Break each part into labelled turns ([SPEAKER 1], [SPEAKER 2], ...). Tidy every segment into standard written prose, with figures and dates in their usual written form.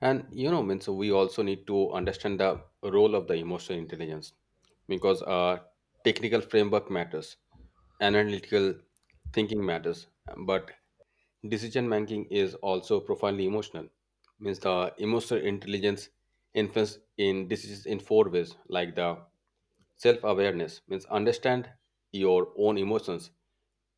[SPEAKER 1] Means we also need to understand the role of the emotional intelligence because technical framework matters, analytical thinking matters, but decision making is also profoundly emotional. Means the emotional intelligence influence in decisions in four ways, like the self-awareness means understand your own emotions,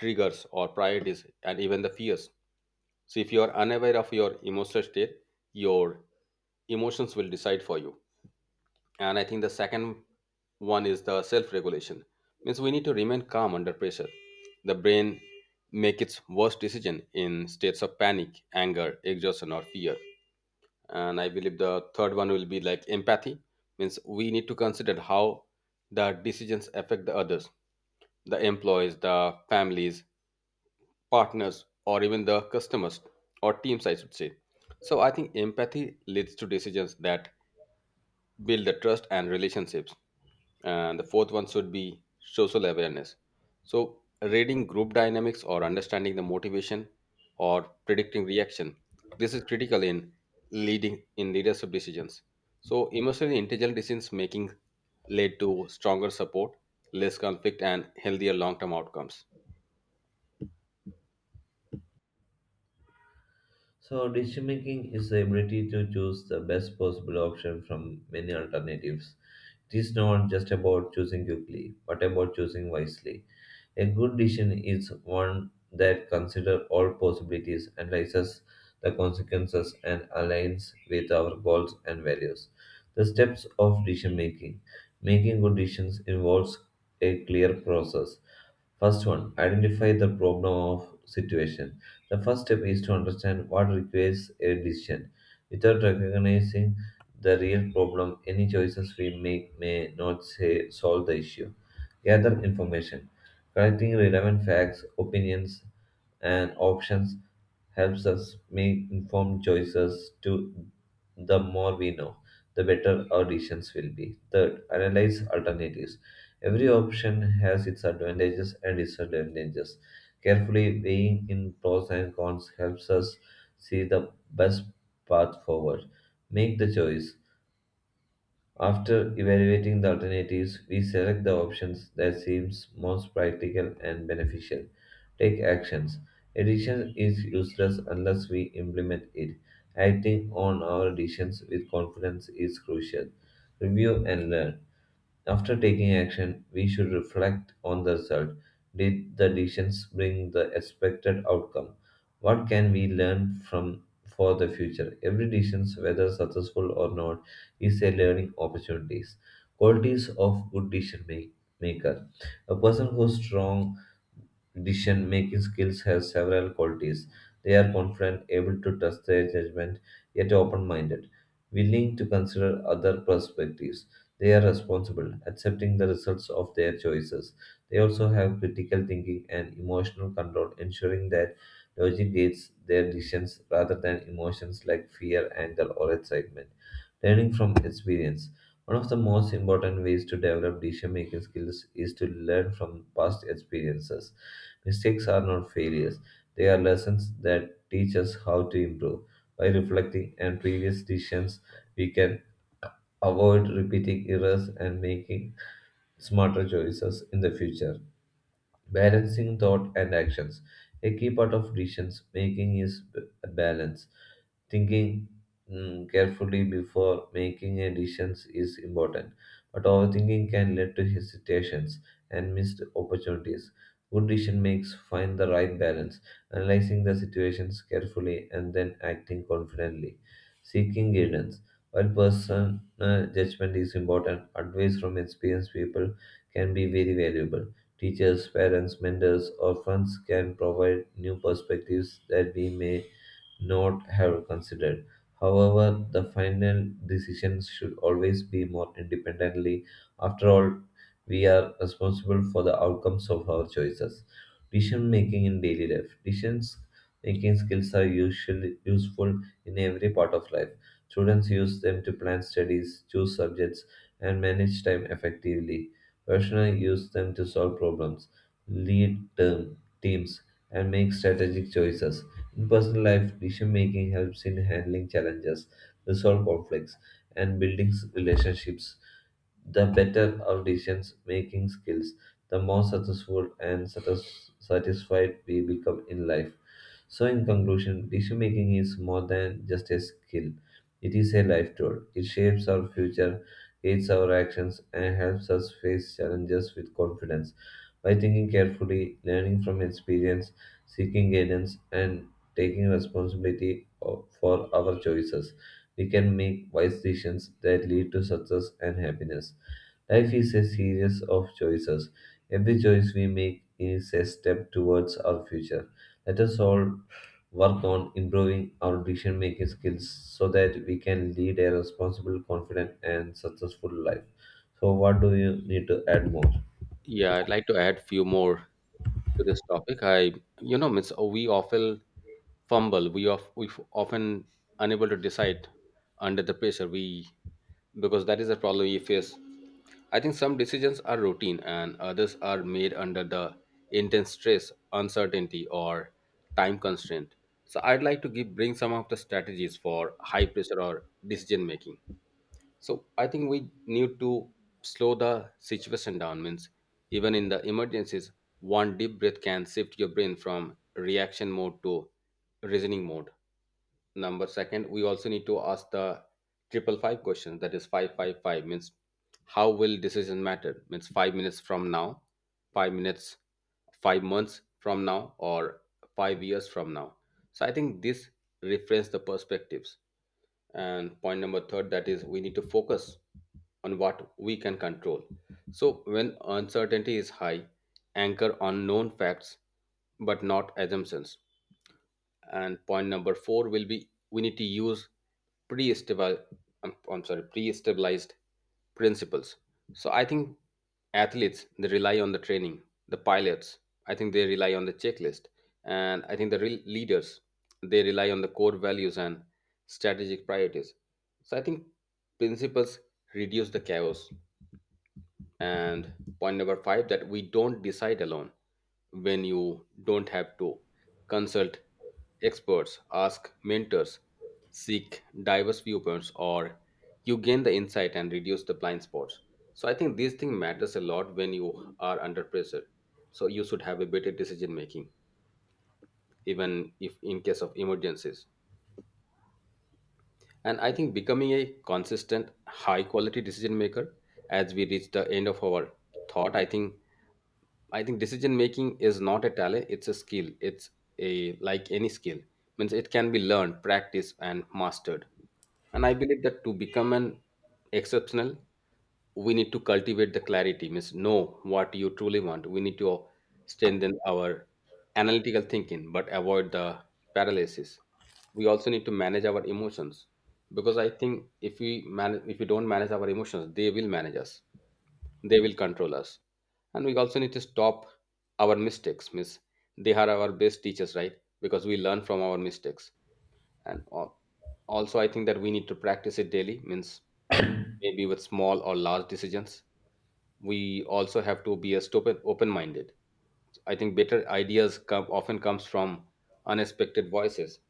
[SPEAKER 1] triggers or priorities, and even the fears, so if you are unaware of your emotional state, your emotions will decide for you. And I think the second one is the self-regulation. Means we need to remain calm under pressure. The brain make its worst decision in states of panic, anger, exhaustion, or fear. And I believe the third one will be like empathy. Means we need to consider how the decisions affect the others, the employees, the families, partners or even the customers, or teams I should say. So I think empathy leads to decisions that build the trust and relationships, and the fourth one should be social awareness. So reading group dynamics or understanding the motivation or predicting reaction, this is critical in leading in leadership decisions. So emotionally intelligent decisions making led to stronger support, less conflict and healthier long-term outcomes.
[SPEAKER 2] So, decision making is the ability to choose the best possible option from many alternatives. It is not just about choosing quickly, but about choosing wisely. A good decision is one that considers all possibilities, analyzes the consequences, and aligns with our goals and values. The steps of decision making. Making good decisions involves a clear process. First one, identify the problem of situation. The first step is to understand what requires a decision. Without recognizing the real problem, any choices we make may not say, solve the issue. Gather information. Collecting relevant facts, opinions, and options helps us make informed choices to the more we know, the better our decisions will be. Third, analyze alternatives. Every option has its advantages and disadvantages. Carefully weighing in pros and cons helps us see the best path forward. Make the choice. After evaluating the alternatives, we select the options that seems most practical and beneficial. Take actions. Addiction is useless unless we implement it. Acting on our decisions with confidence is crucial. Review and learn. After taking action, we should reflect on the result. Did the decisions bring the expected outcome? What can we learn from for the future? Every decision, whether successful or not, is a learning opportunity. Qualities of good decision make, maker. A person who's strong decision making skills has several qualities. They are confident, able to trust their judgment, yet open minded, willing to consider other perspectives. They are responsible, accepting the results of their choices. They also have critical thinking and emotional control, ensuring that logic guides their decisions rather than emotions like fear, anger, or excitement. Learning from experience. One of the most important ways to develop decision making skills is to learn from past experiences. Mistakes are not failures, they are lessons that teach us how to improve. By reflecting on previous decisions, we can avoid repeating errors and making smarter choices in the future. Balancing thought and actions. A key part of decision making is balance. Thinking carefully before making a decision is important, but overthinking can lead to hesitations and missed opportunities. Good decision makes find the right balance, analyzing the situations carefully and then acting confidently. Seeking guidance. While personal judgment is important, advice from experienced people can be very valuable. Teachers, parents, mentors, or friends can provide new perspectives that we may not have considered. However, the final decisions should always be more independently. After all, we are responsible for the outcomes of our choices. Decision making in daily life. Decisions making skills are usually useful in every part of life. Students use them to plan studies, choose subjects, and manage time effectively. Professionals use them to solve problems, lead term, teams, and make strategic choices. In personal life, decision making helps in handling challenges, resolve conflicts, and building relationships. The better our decision making skills, the more successful and satisfied we become in life. So, in conclusion, decision making is more than just a skill. It is a life tool. It shapes our future, aids our actions, and helps us face challenges with confidence. By thinking carefully, learning from experience, seeking guidance, and taking responsibility for our choices, we can make wise decisions that lead to success and happiness. Life is a series of choices. Every choice we make is a step towards our future. Let us all work on improving our decision making skills so that we can lead a responsible, confident, and successful life. So, what do you need to add more?
[SPEAKER 1] Yeah, I'd like to add few more to this topic. Miss, we often fumble. We often unable to decide under the pressure. We, because that is the problem we face. I think some decisions are routine and others are made under the intense stress, uncertainty, or time constraint. So I'd like to give bring some of the strategies for high pressure or decision making. So I think we need to slow the situation down. Means even in the emergencies, one deep breath can shift your brain from reaction mode to reasoning mode. Number second, we also need to ask the triple five question. That is five five five means how will decision matter? Means 5 minutes from now, 5 minutes, 5 months from now, or 5 years from now. So I think this reframes the perspectives, and point number third, that is we need to focus on what we can control. So when uncertainty is high, anchor on known facts, but not assumptions. And point number four will be, we need to use pre-stable, I'm sorry, pre-stabilized principles. So I think athletes, they rely on the training, the pilots, I think they rely on the checklist, and I think the real leaders, they rely on the core values and strategic priorities. So I think principles reduce the chaos. And point number five, that we don't decide alone. When you don't have to, consult experts, ask mentors, seek diverse viewpoints, or you gain the insight and reduce the blind spots. So I think these things matters a lot when you are under pressure, so you should have a better decision making even if in case of emergencies. And I think becoming a consistent high quality decision maker, as we reach the end of our thought, I think decision making is not a talent, it's a skill. It's a like any skill. Means it can be learned, practiced and mastered. And I believe that to become an exceptional, we need to cultivate the clarity, means know what you truly want. We need to strengthen our analytical thinking, but avoid the paralysis. We also need to manage our emotions because I think if we don't manage our emotions, they will manage us, they will control us. And we also need to stop our mistakes, miss, they are our best teachers, right? Because we learn from our mistakes. And al- also, I think that we need to practice it daily, means maybe with small or large decisions. We also have to be a stupid open minded. I think better ideas come often comes from unexpected voices,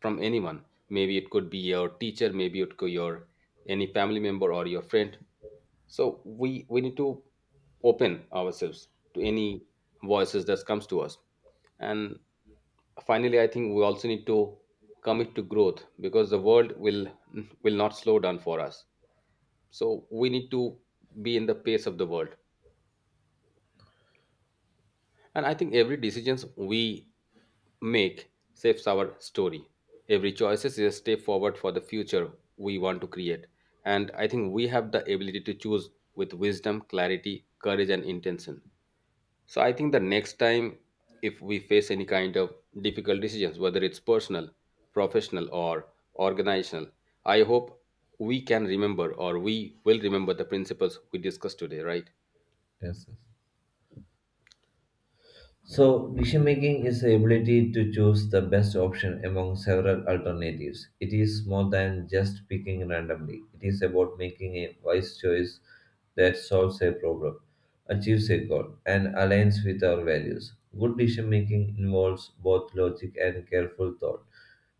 [SPEAKER 1] from anyone. Maybe it could be your teacher, maybe it could your any family member or your friend. So we need to open ourselves to any voices that comes to us. And finally, I think we also need to commit to growth because the world will not slow down for us. So we need to be in the pace of the world. And I think every decisions we make shapes our story. Every choice is a step forward for the future we want to create. And I think we have the ability to choose with wisdom, clarity, courage, and intention. So I think the next time, if we face any kind of difficult decisions, whether it's personal, professional, or organizational, I hope we can remember, or we will remember the principles we discussed today, right?
[SPEAKER 2] Yes, yes. So, decision making is the ability to choose the best option among several alternatives. It is more than just picking randomly, it is about making a wise choice that solves a problem, achieves a goal, and aligns with our values. Good decision making involves both logic and careful thought,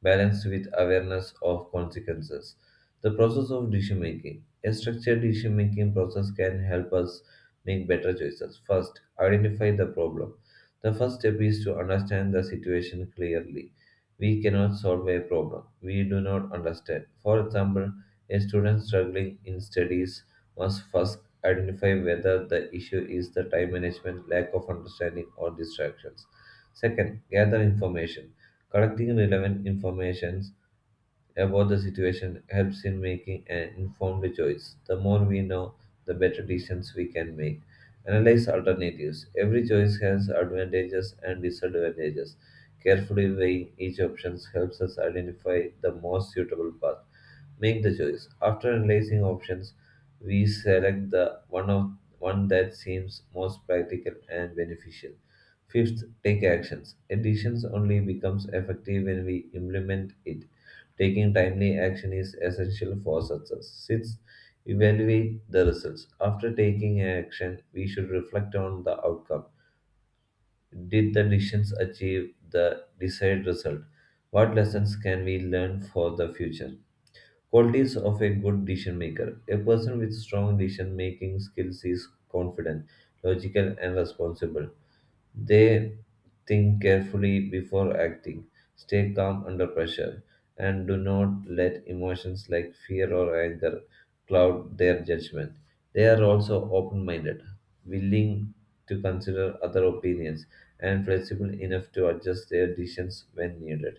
[SPEAKER 2] balanced with awareness of consequences. The process of decision making. A structured decision making process can help us make better choices. First, identify the problem. The first step is to understand the situation clearly. We cannot solve a problem we do not understand. For example, a student struggling in studies must first identify whether the issue is the time management, lack of understanding, or distractions. Second, gather information. Collecting relevant information about the situation helps in making an informed choice. The more we know, the better decisions we can make. Analyze alternatives. Every choice has advantages and disadvantages. Carefully weighing each option helps us identify the most suitable path. Make the choice. After analyzing options, we select the one that seems most practical and beneficial. Fifth, take actions. A decision only becomes effective when we implement it. Taking timely action is essential for success. Six, evaluate the results. After taking action, we should reflect on the outcome. Did the decisions achieve the desired result? What lessons can we learn for the future? Qualities of a good decision maker. A person with strong decision making skills is confident, logical, and responsible. They think carefully before acting, stay calm under pressure, and do not let emotions like fear or anger cloud their judgment. They are also open minded, willing to consider other opinions, and flexible enough to adjust their decisions when needed.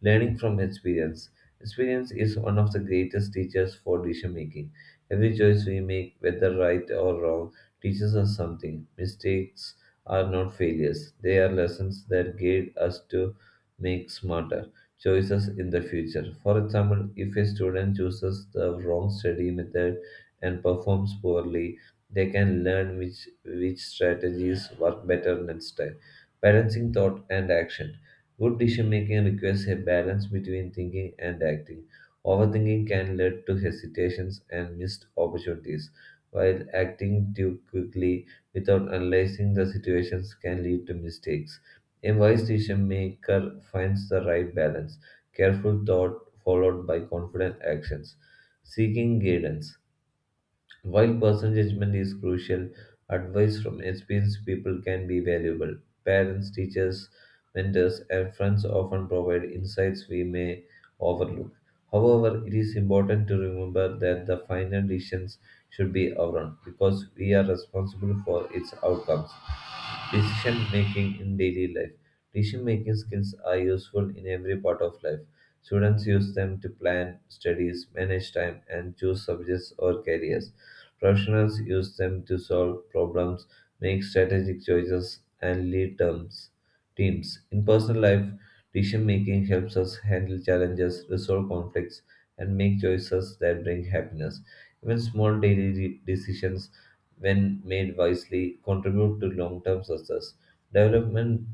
[SPEAKER 2] Learning from experience. Experience is one of the greatest teachers for decision making. Every choice we make, whether right or wrong, teaches us something. Mistakes are not failures, they are lessons that guide us to make smarter choices in the future. For example, if a student chooses the wrong study method and performs poorly, they can learn which strategies work better next time. Balancing thought and action. Good decision making requires a balance between thinking and acting. Overthinking can lead to hesitations and missed opportunities, while acting too quickly without analyzing the situations can lead to mistakes. A wise decision maker finds the right balance, careful thought followed by confident actions, seeking guidance. While personal judgment is crucial, advice from experienced people can be valuable. Parents, teachers, mentors, and friends often provide insights we may overlook. However, it is important to remember that the final decisions should be our own because we are responsible for its outcomes. Decision making in daily life. Decision making skills are useful in every part of life. Students use them to plan studies, manage time, and choose subjects or careers. Professionals use them to solve problems, make strategic choices, and teams. In personal life, decision making helps us handle challenges, resolve conflicts, and make choices that bring happiness. Even small daily decisions, when made wisely, contribute to long term success. Development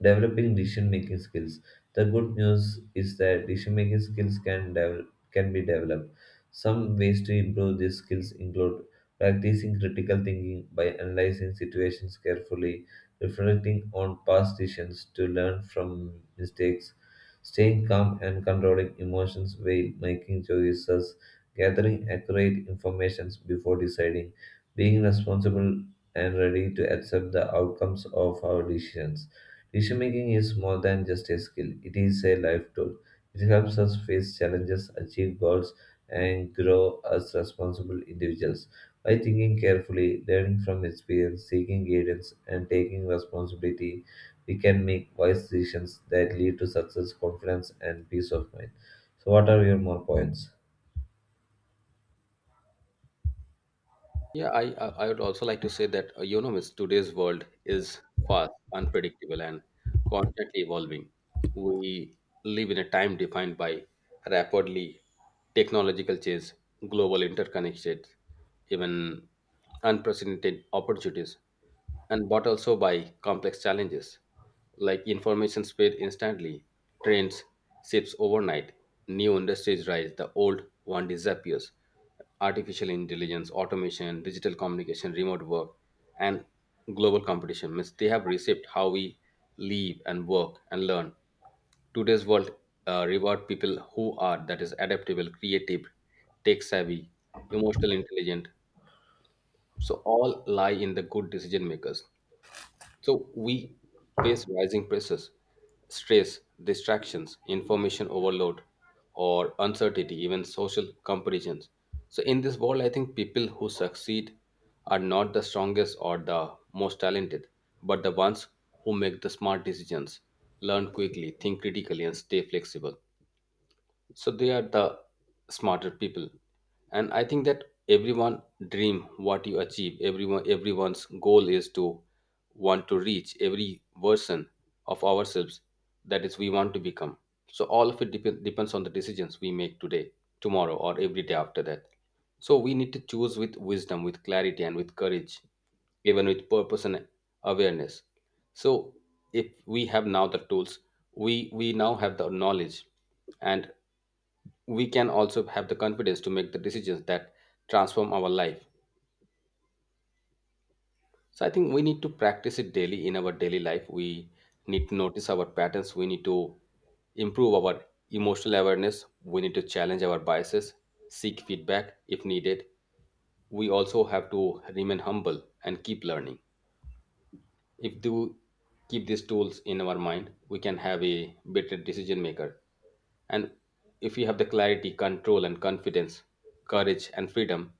[SPEAKER 2] Developing decision making skills. The good news is that decision making skills can be developed. Some ways to improve these skills include practicing critical thinking by analyzing situations carefully, reflecting on past decisions to learn from mistakes, staying calm and controlling emotions while making choices, gathering accurate information before deciding, being responsible and ready to accept the outcomes of our decisions. Decision making is more than just a skill, it is a life tool. It helps us face challenges, achieve goals, and grow as responsible individuals. By thinking carefully, learning from experience, seeking guidance, and taking responsibility, we can make wise decisions that lead to success, confidence, and peace of mind. So, what are your more points?
[SPEAKER 1] Yeah, I would also like to say that miss, today's world is fast, unpredictable, and constantly evolving. We live in a time defined by rapidly technological change, global interconnected, even unprecedented opportunities, and but also by complex challenges, like information spread instantly, trends shifts overnight, new industries rise, the old one disappears. Artificial intelligence, automation, digital communication, remote work, and global competition means they have reshaped how we live and work and learn. Today's world reward people who are, that is, adaptable, creative, tech savvy, emotional intelligent. So all lie in the good decision makers. So we face rising pressures, stress, distractions, information overload, or uncertainty, even social comparisons. So in this world, I think people who succeed are not the strongest or the most talented, but the ones who make the smart decisions, learn quickly, think critically, and stay flexible. So they are the smarter people. And I think that everyone dream what you achieve, everyone's goal is to want to reach every version of ourselves, that is we want to become. So all of it depends on the decisions we make today, tomorrow, or every day after that. So we need to choose with wisdom, with clarity and with courage, even with purpose and awareness. So if we have now the tools, we now have the knowledge, and we can also have the confidence to make the decisions that transform our life. So I think we need to practice it daily in our daily life. We need to notice our patterns, we need to improve our emotional awareness, we need to challenge our biases, seek feedback if needed. We also have to remain humble and keep learning. If do keep these tools in our mind, we can have a better decision maker. And if we have the clarity, control, and confidence, courage, and freedom,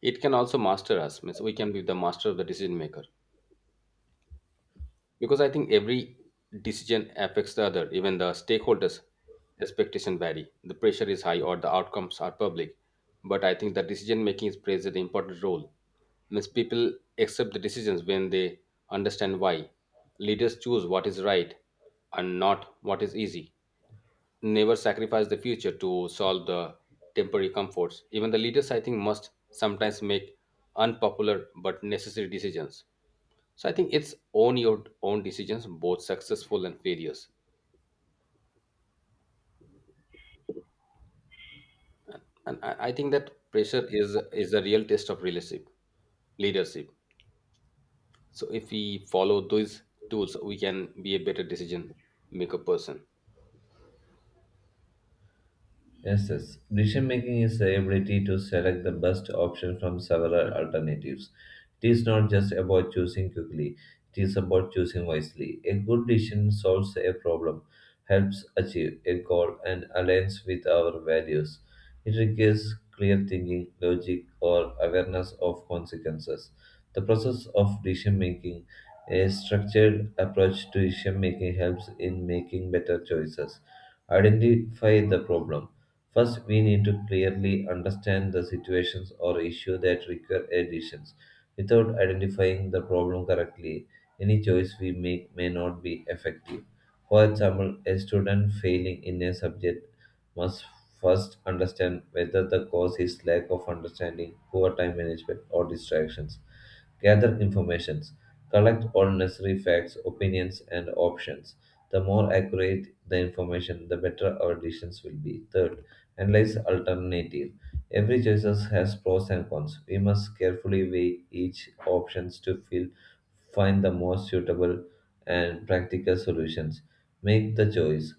[SPEAKER 1] it can also master us. Means we can be the master of the decision maker, because I think every decision affects the other, even the stakeholders expectation vary, the pressure is high or the outcomes are public. But I think the decision making is plays an important role. Means people accept the decisions when they understand why. Leaders choose what is right and not what is easy, never sacrifice the future to solve the temporary comforts. Even the leaders, I think, must sometimes make unpopular but necessary decisions. So I think it's own your own decisions, both successful and failures. And I think that pressure is a real test of relationship, leadership. So if we follow those tools, we can be a better decision maker person.
[SPEAKER 2] Yes, yes. Decision making is the ability to select the best option from several alternatives. It is not just about choosing quickly, it is about choosing wisely. A good decision solves a problem, helps achieve a goal, and aligns with our values. It requires clear thinking, logic, or awareness of consequences. The process of decision making, a structured approach to decision making, helps in making better choices. Identify the problem. First, we need to clearly understand the situations or issue that require additions. Without identifying the problem correctly, any choice we make may not be effective. For example, a student failing in a subject must first understand whether the cause is lack of understanding, poor time management, or distractions. Gather informations. Collect all necessary facts, opinions, and options. The more accurate the information, the better our decisions will be. Third, analyze alternative. Every choice has pros and cons. We must carefully weigh each options to feel, find the most suitable and practical solutions. Make the choice.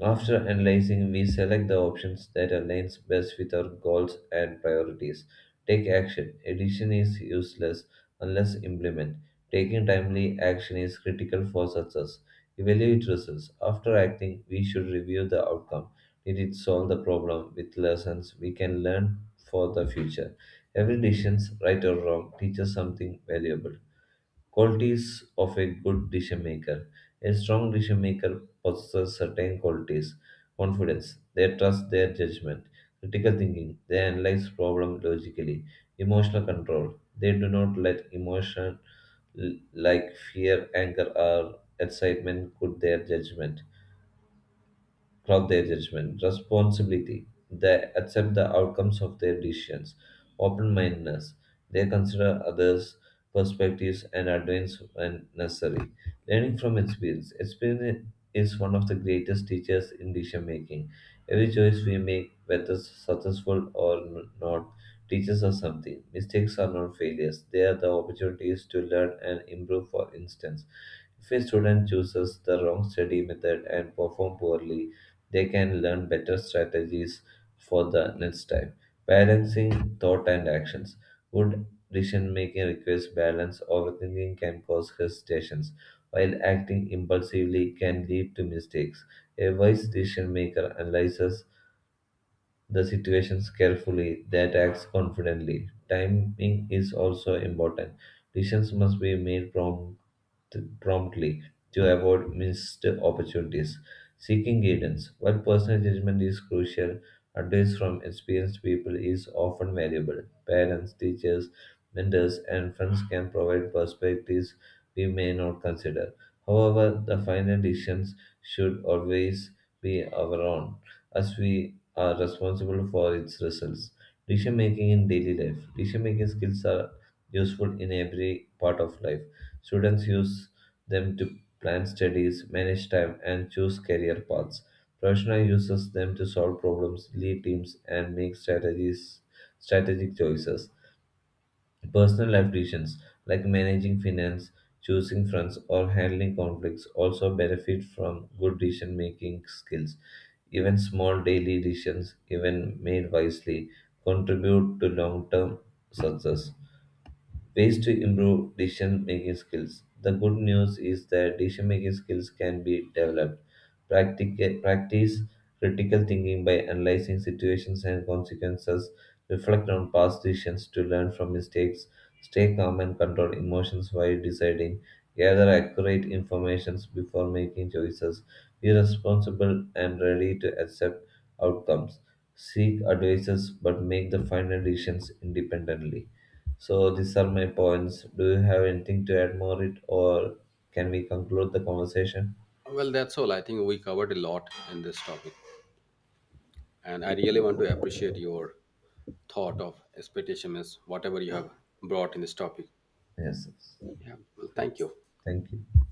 [SPEAKER 2] After analyzing, we select the options that aligns best with our goals and priorities. Take action. Addition is useless unless implemented. Taking timely action is critical for success. Evaluate results. After acting, we should review the outcome. Did it solve the problem with lessons we can learn for the future? Every decision, right or wrong, teaches something valuable. Qualities of a good decision maker. A strong decision maker possesses certain qualities: confidence, they trust their judgment; critical thinking, they analyze problems logically; emotional control, they do not let emotion like fear, anger, or excitement could their judgment cloud their judgment. Responsibility. They accept the outcomes of their decisions. Open mindedness. They consider others' perspectives and advance when necessary. Learning from experience. Experience is one of the greatest teachers in decision making. Every choice we make, whether successful or not, teaches us something. Mistakes are not failures, they are the opportunities to learn and improve. For instance, if a student chooses the wrong study method and performs poorly, they can learn better strategies for the next time. Balancing thought and actions. Good decision making requires balance. Overthinking can cause hesitations, while acting impulsively can lead to mistakes. A wise decision maker analyzes the situations carefully, that acts confidently. Timing is also important. Decisions must be made promptly to avoid missed opportunities. Seeking guidance. While personal judgment is crucial, advice from experienced people is often valuable. Parents, teachers, mentors, and friends can provide perspectives we may not consider. However, the final decisions should always be our own, as we are responsible for its results. Decision making in daily life. Decision making skills are useful in every part of life. Students use them to plan studies, manage time, and choose career paths. Professional uses them to solve problems, lead teams, and make strategic choices. Personal life decisions like managing finance, choosing friends, or handling conflicts also benefit from good decision making skills. Even small daily decisions, even made wisely, contribute to long term success. Ways to improve decision making skills. The good news is that decision making skills can be developed. Practice critical thinking by analyzing situations and consequences, reflect on past decisions to learn from mistakes, stay calm and control emotions while deciding, gather accurate information before making choices, be responsible and ready to accept outcomes, seek advices but make the final decisions independently. So these are my points. Do you have anything to add more it or can we conclude the conversation?
[SPEAKER 1] Well, that's all. I think we covered a lot in this topic, and I really want to appreciate your thought of expectation is whatever you have brought in this topic.
[SPEAKER 2] Yes, yes.
[SPEAKER 1] Yeah. Well, thank you.
[SPEAKER 2] Thank you.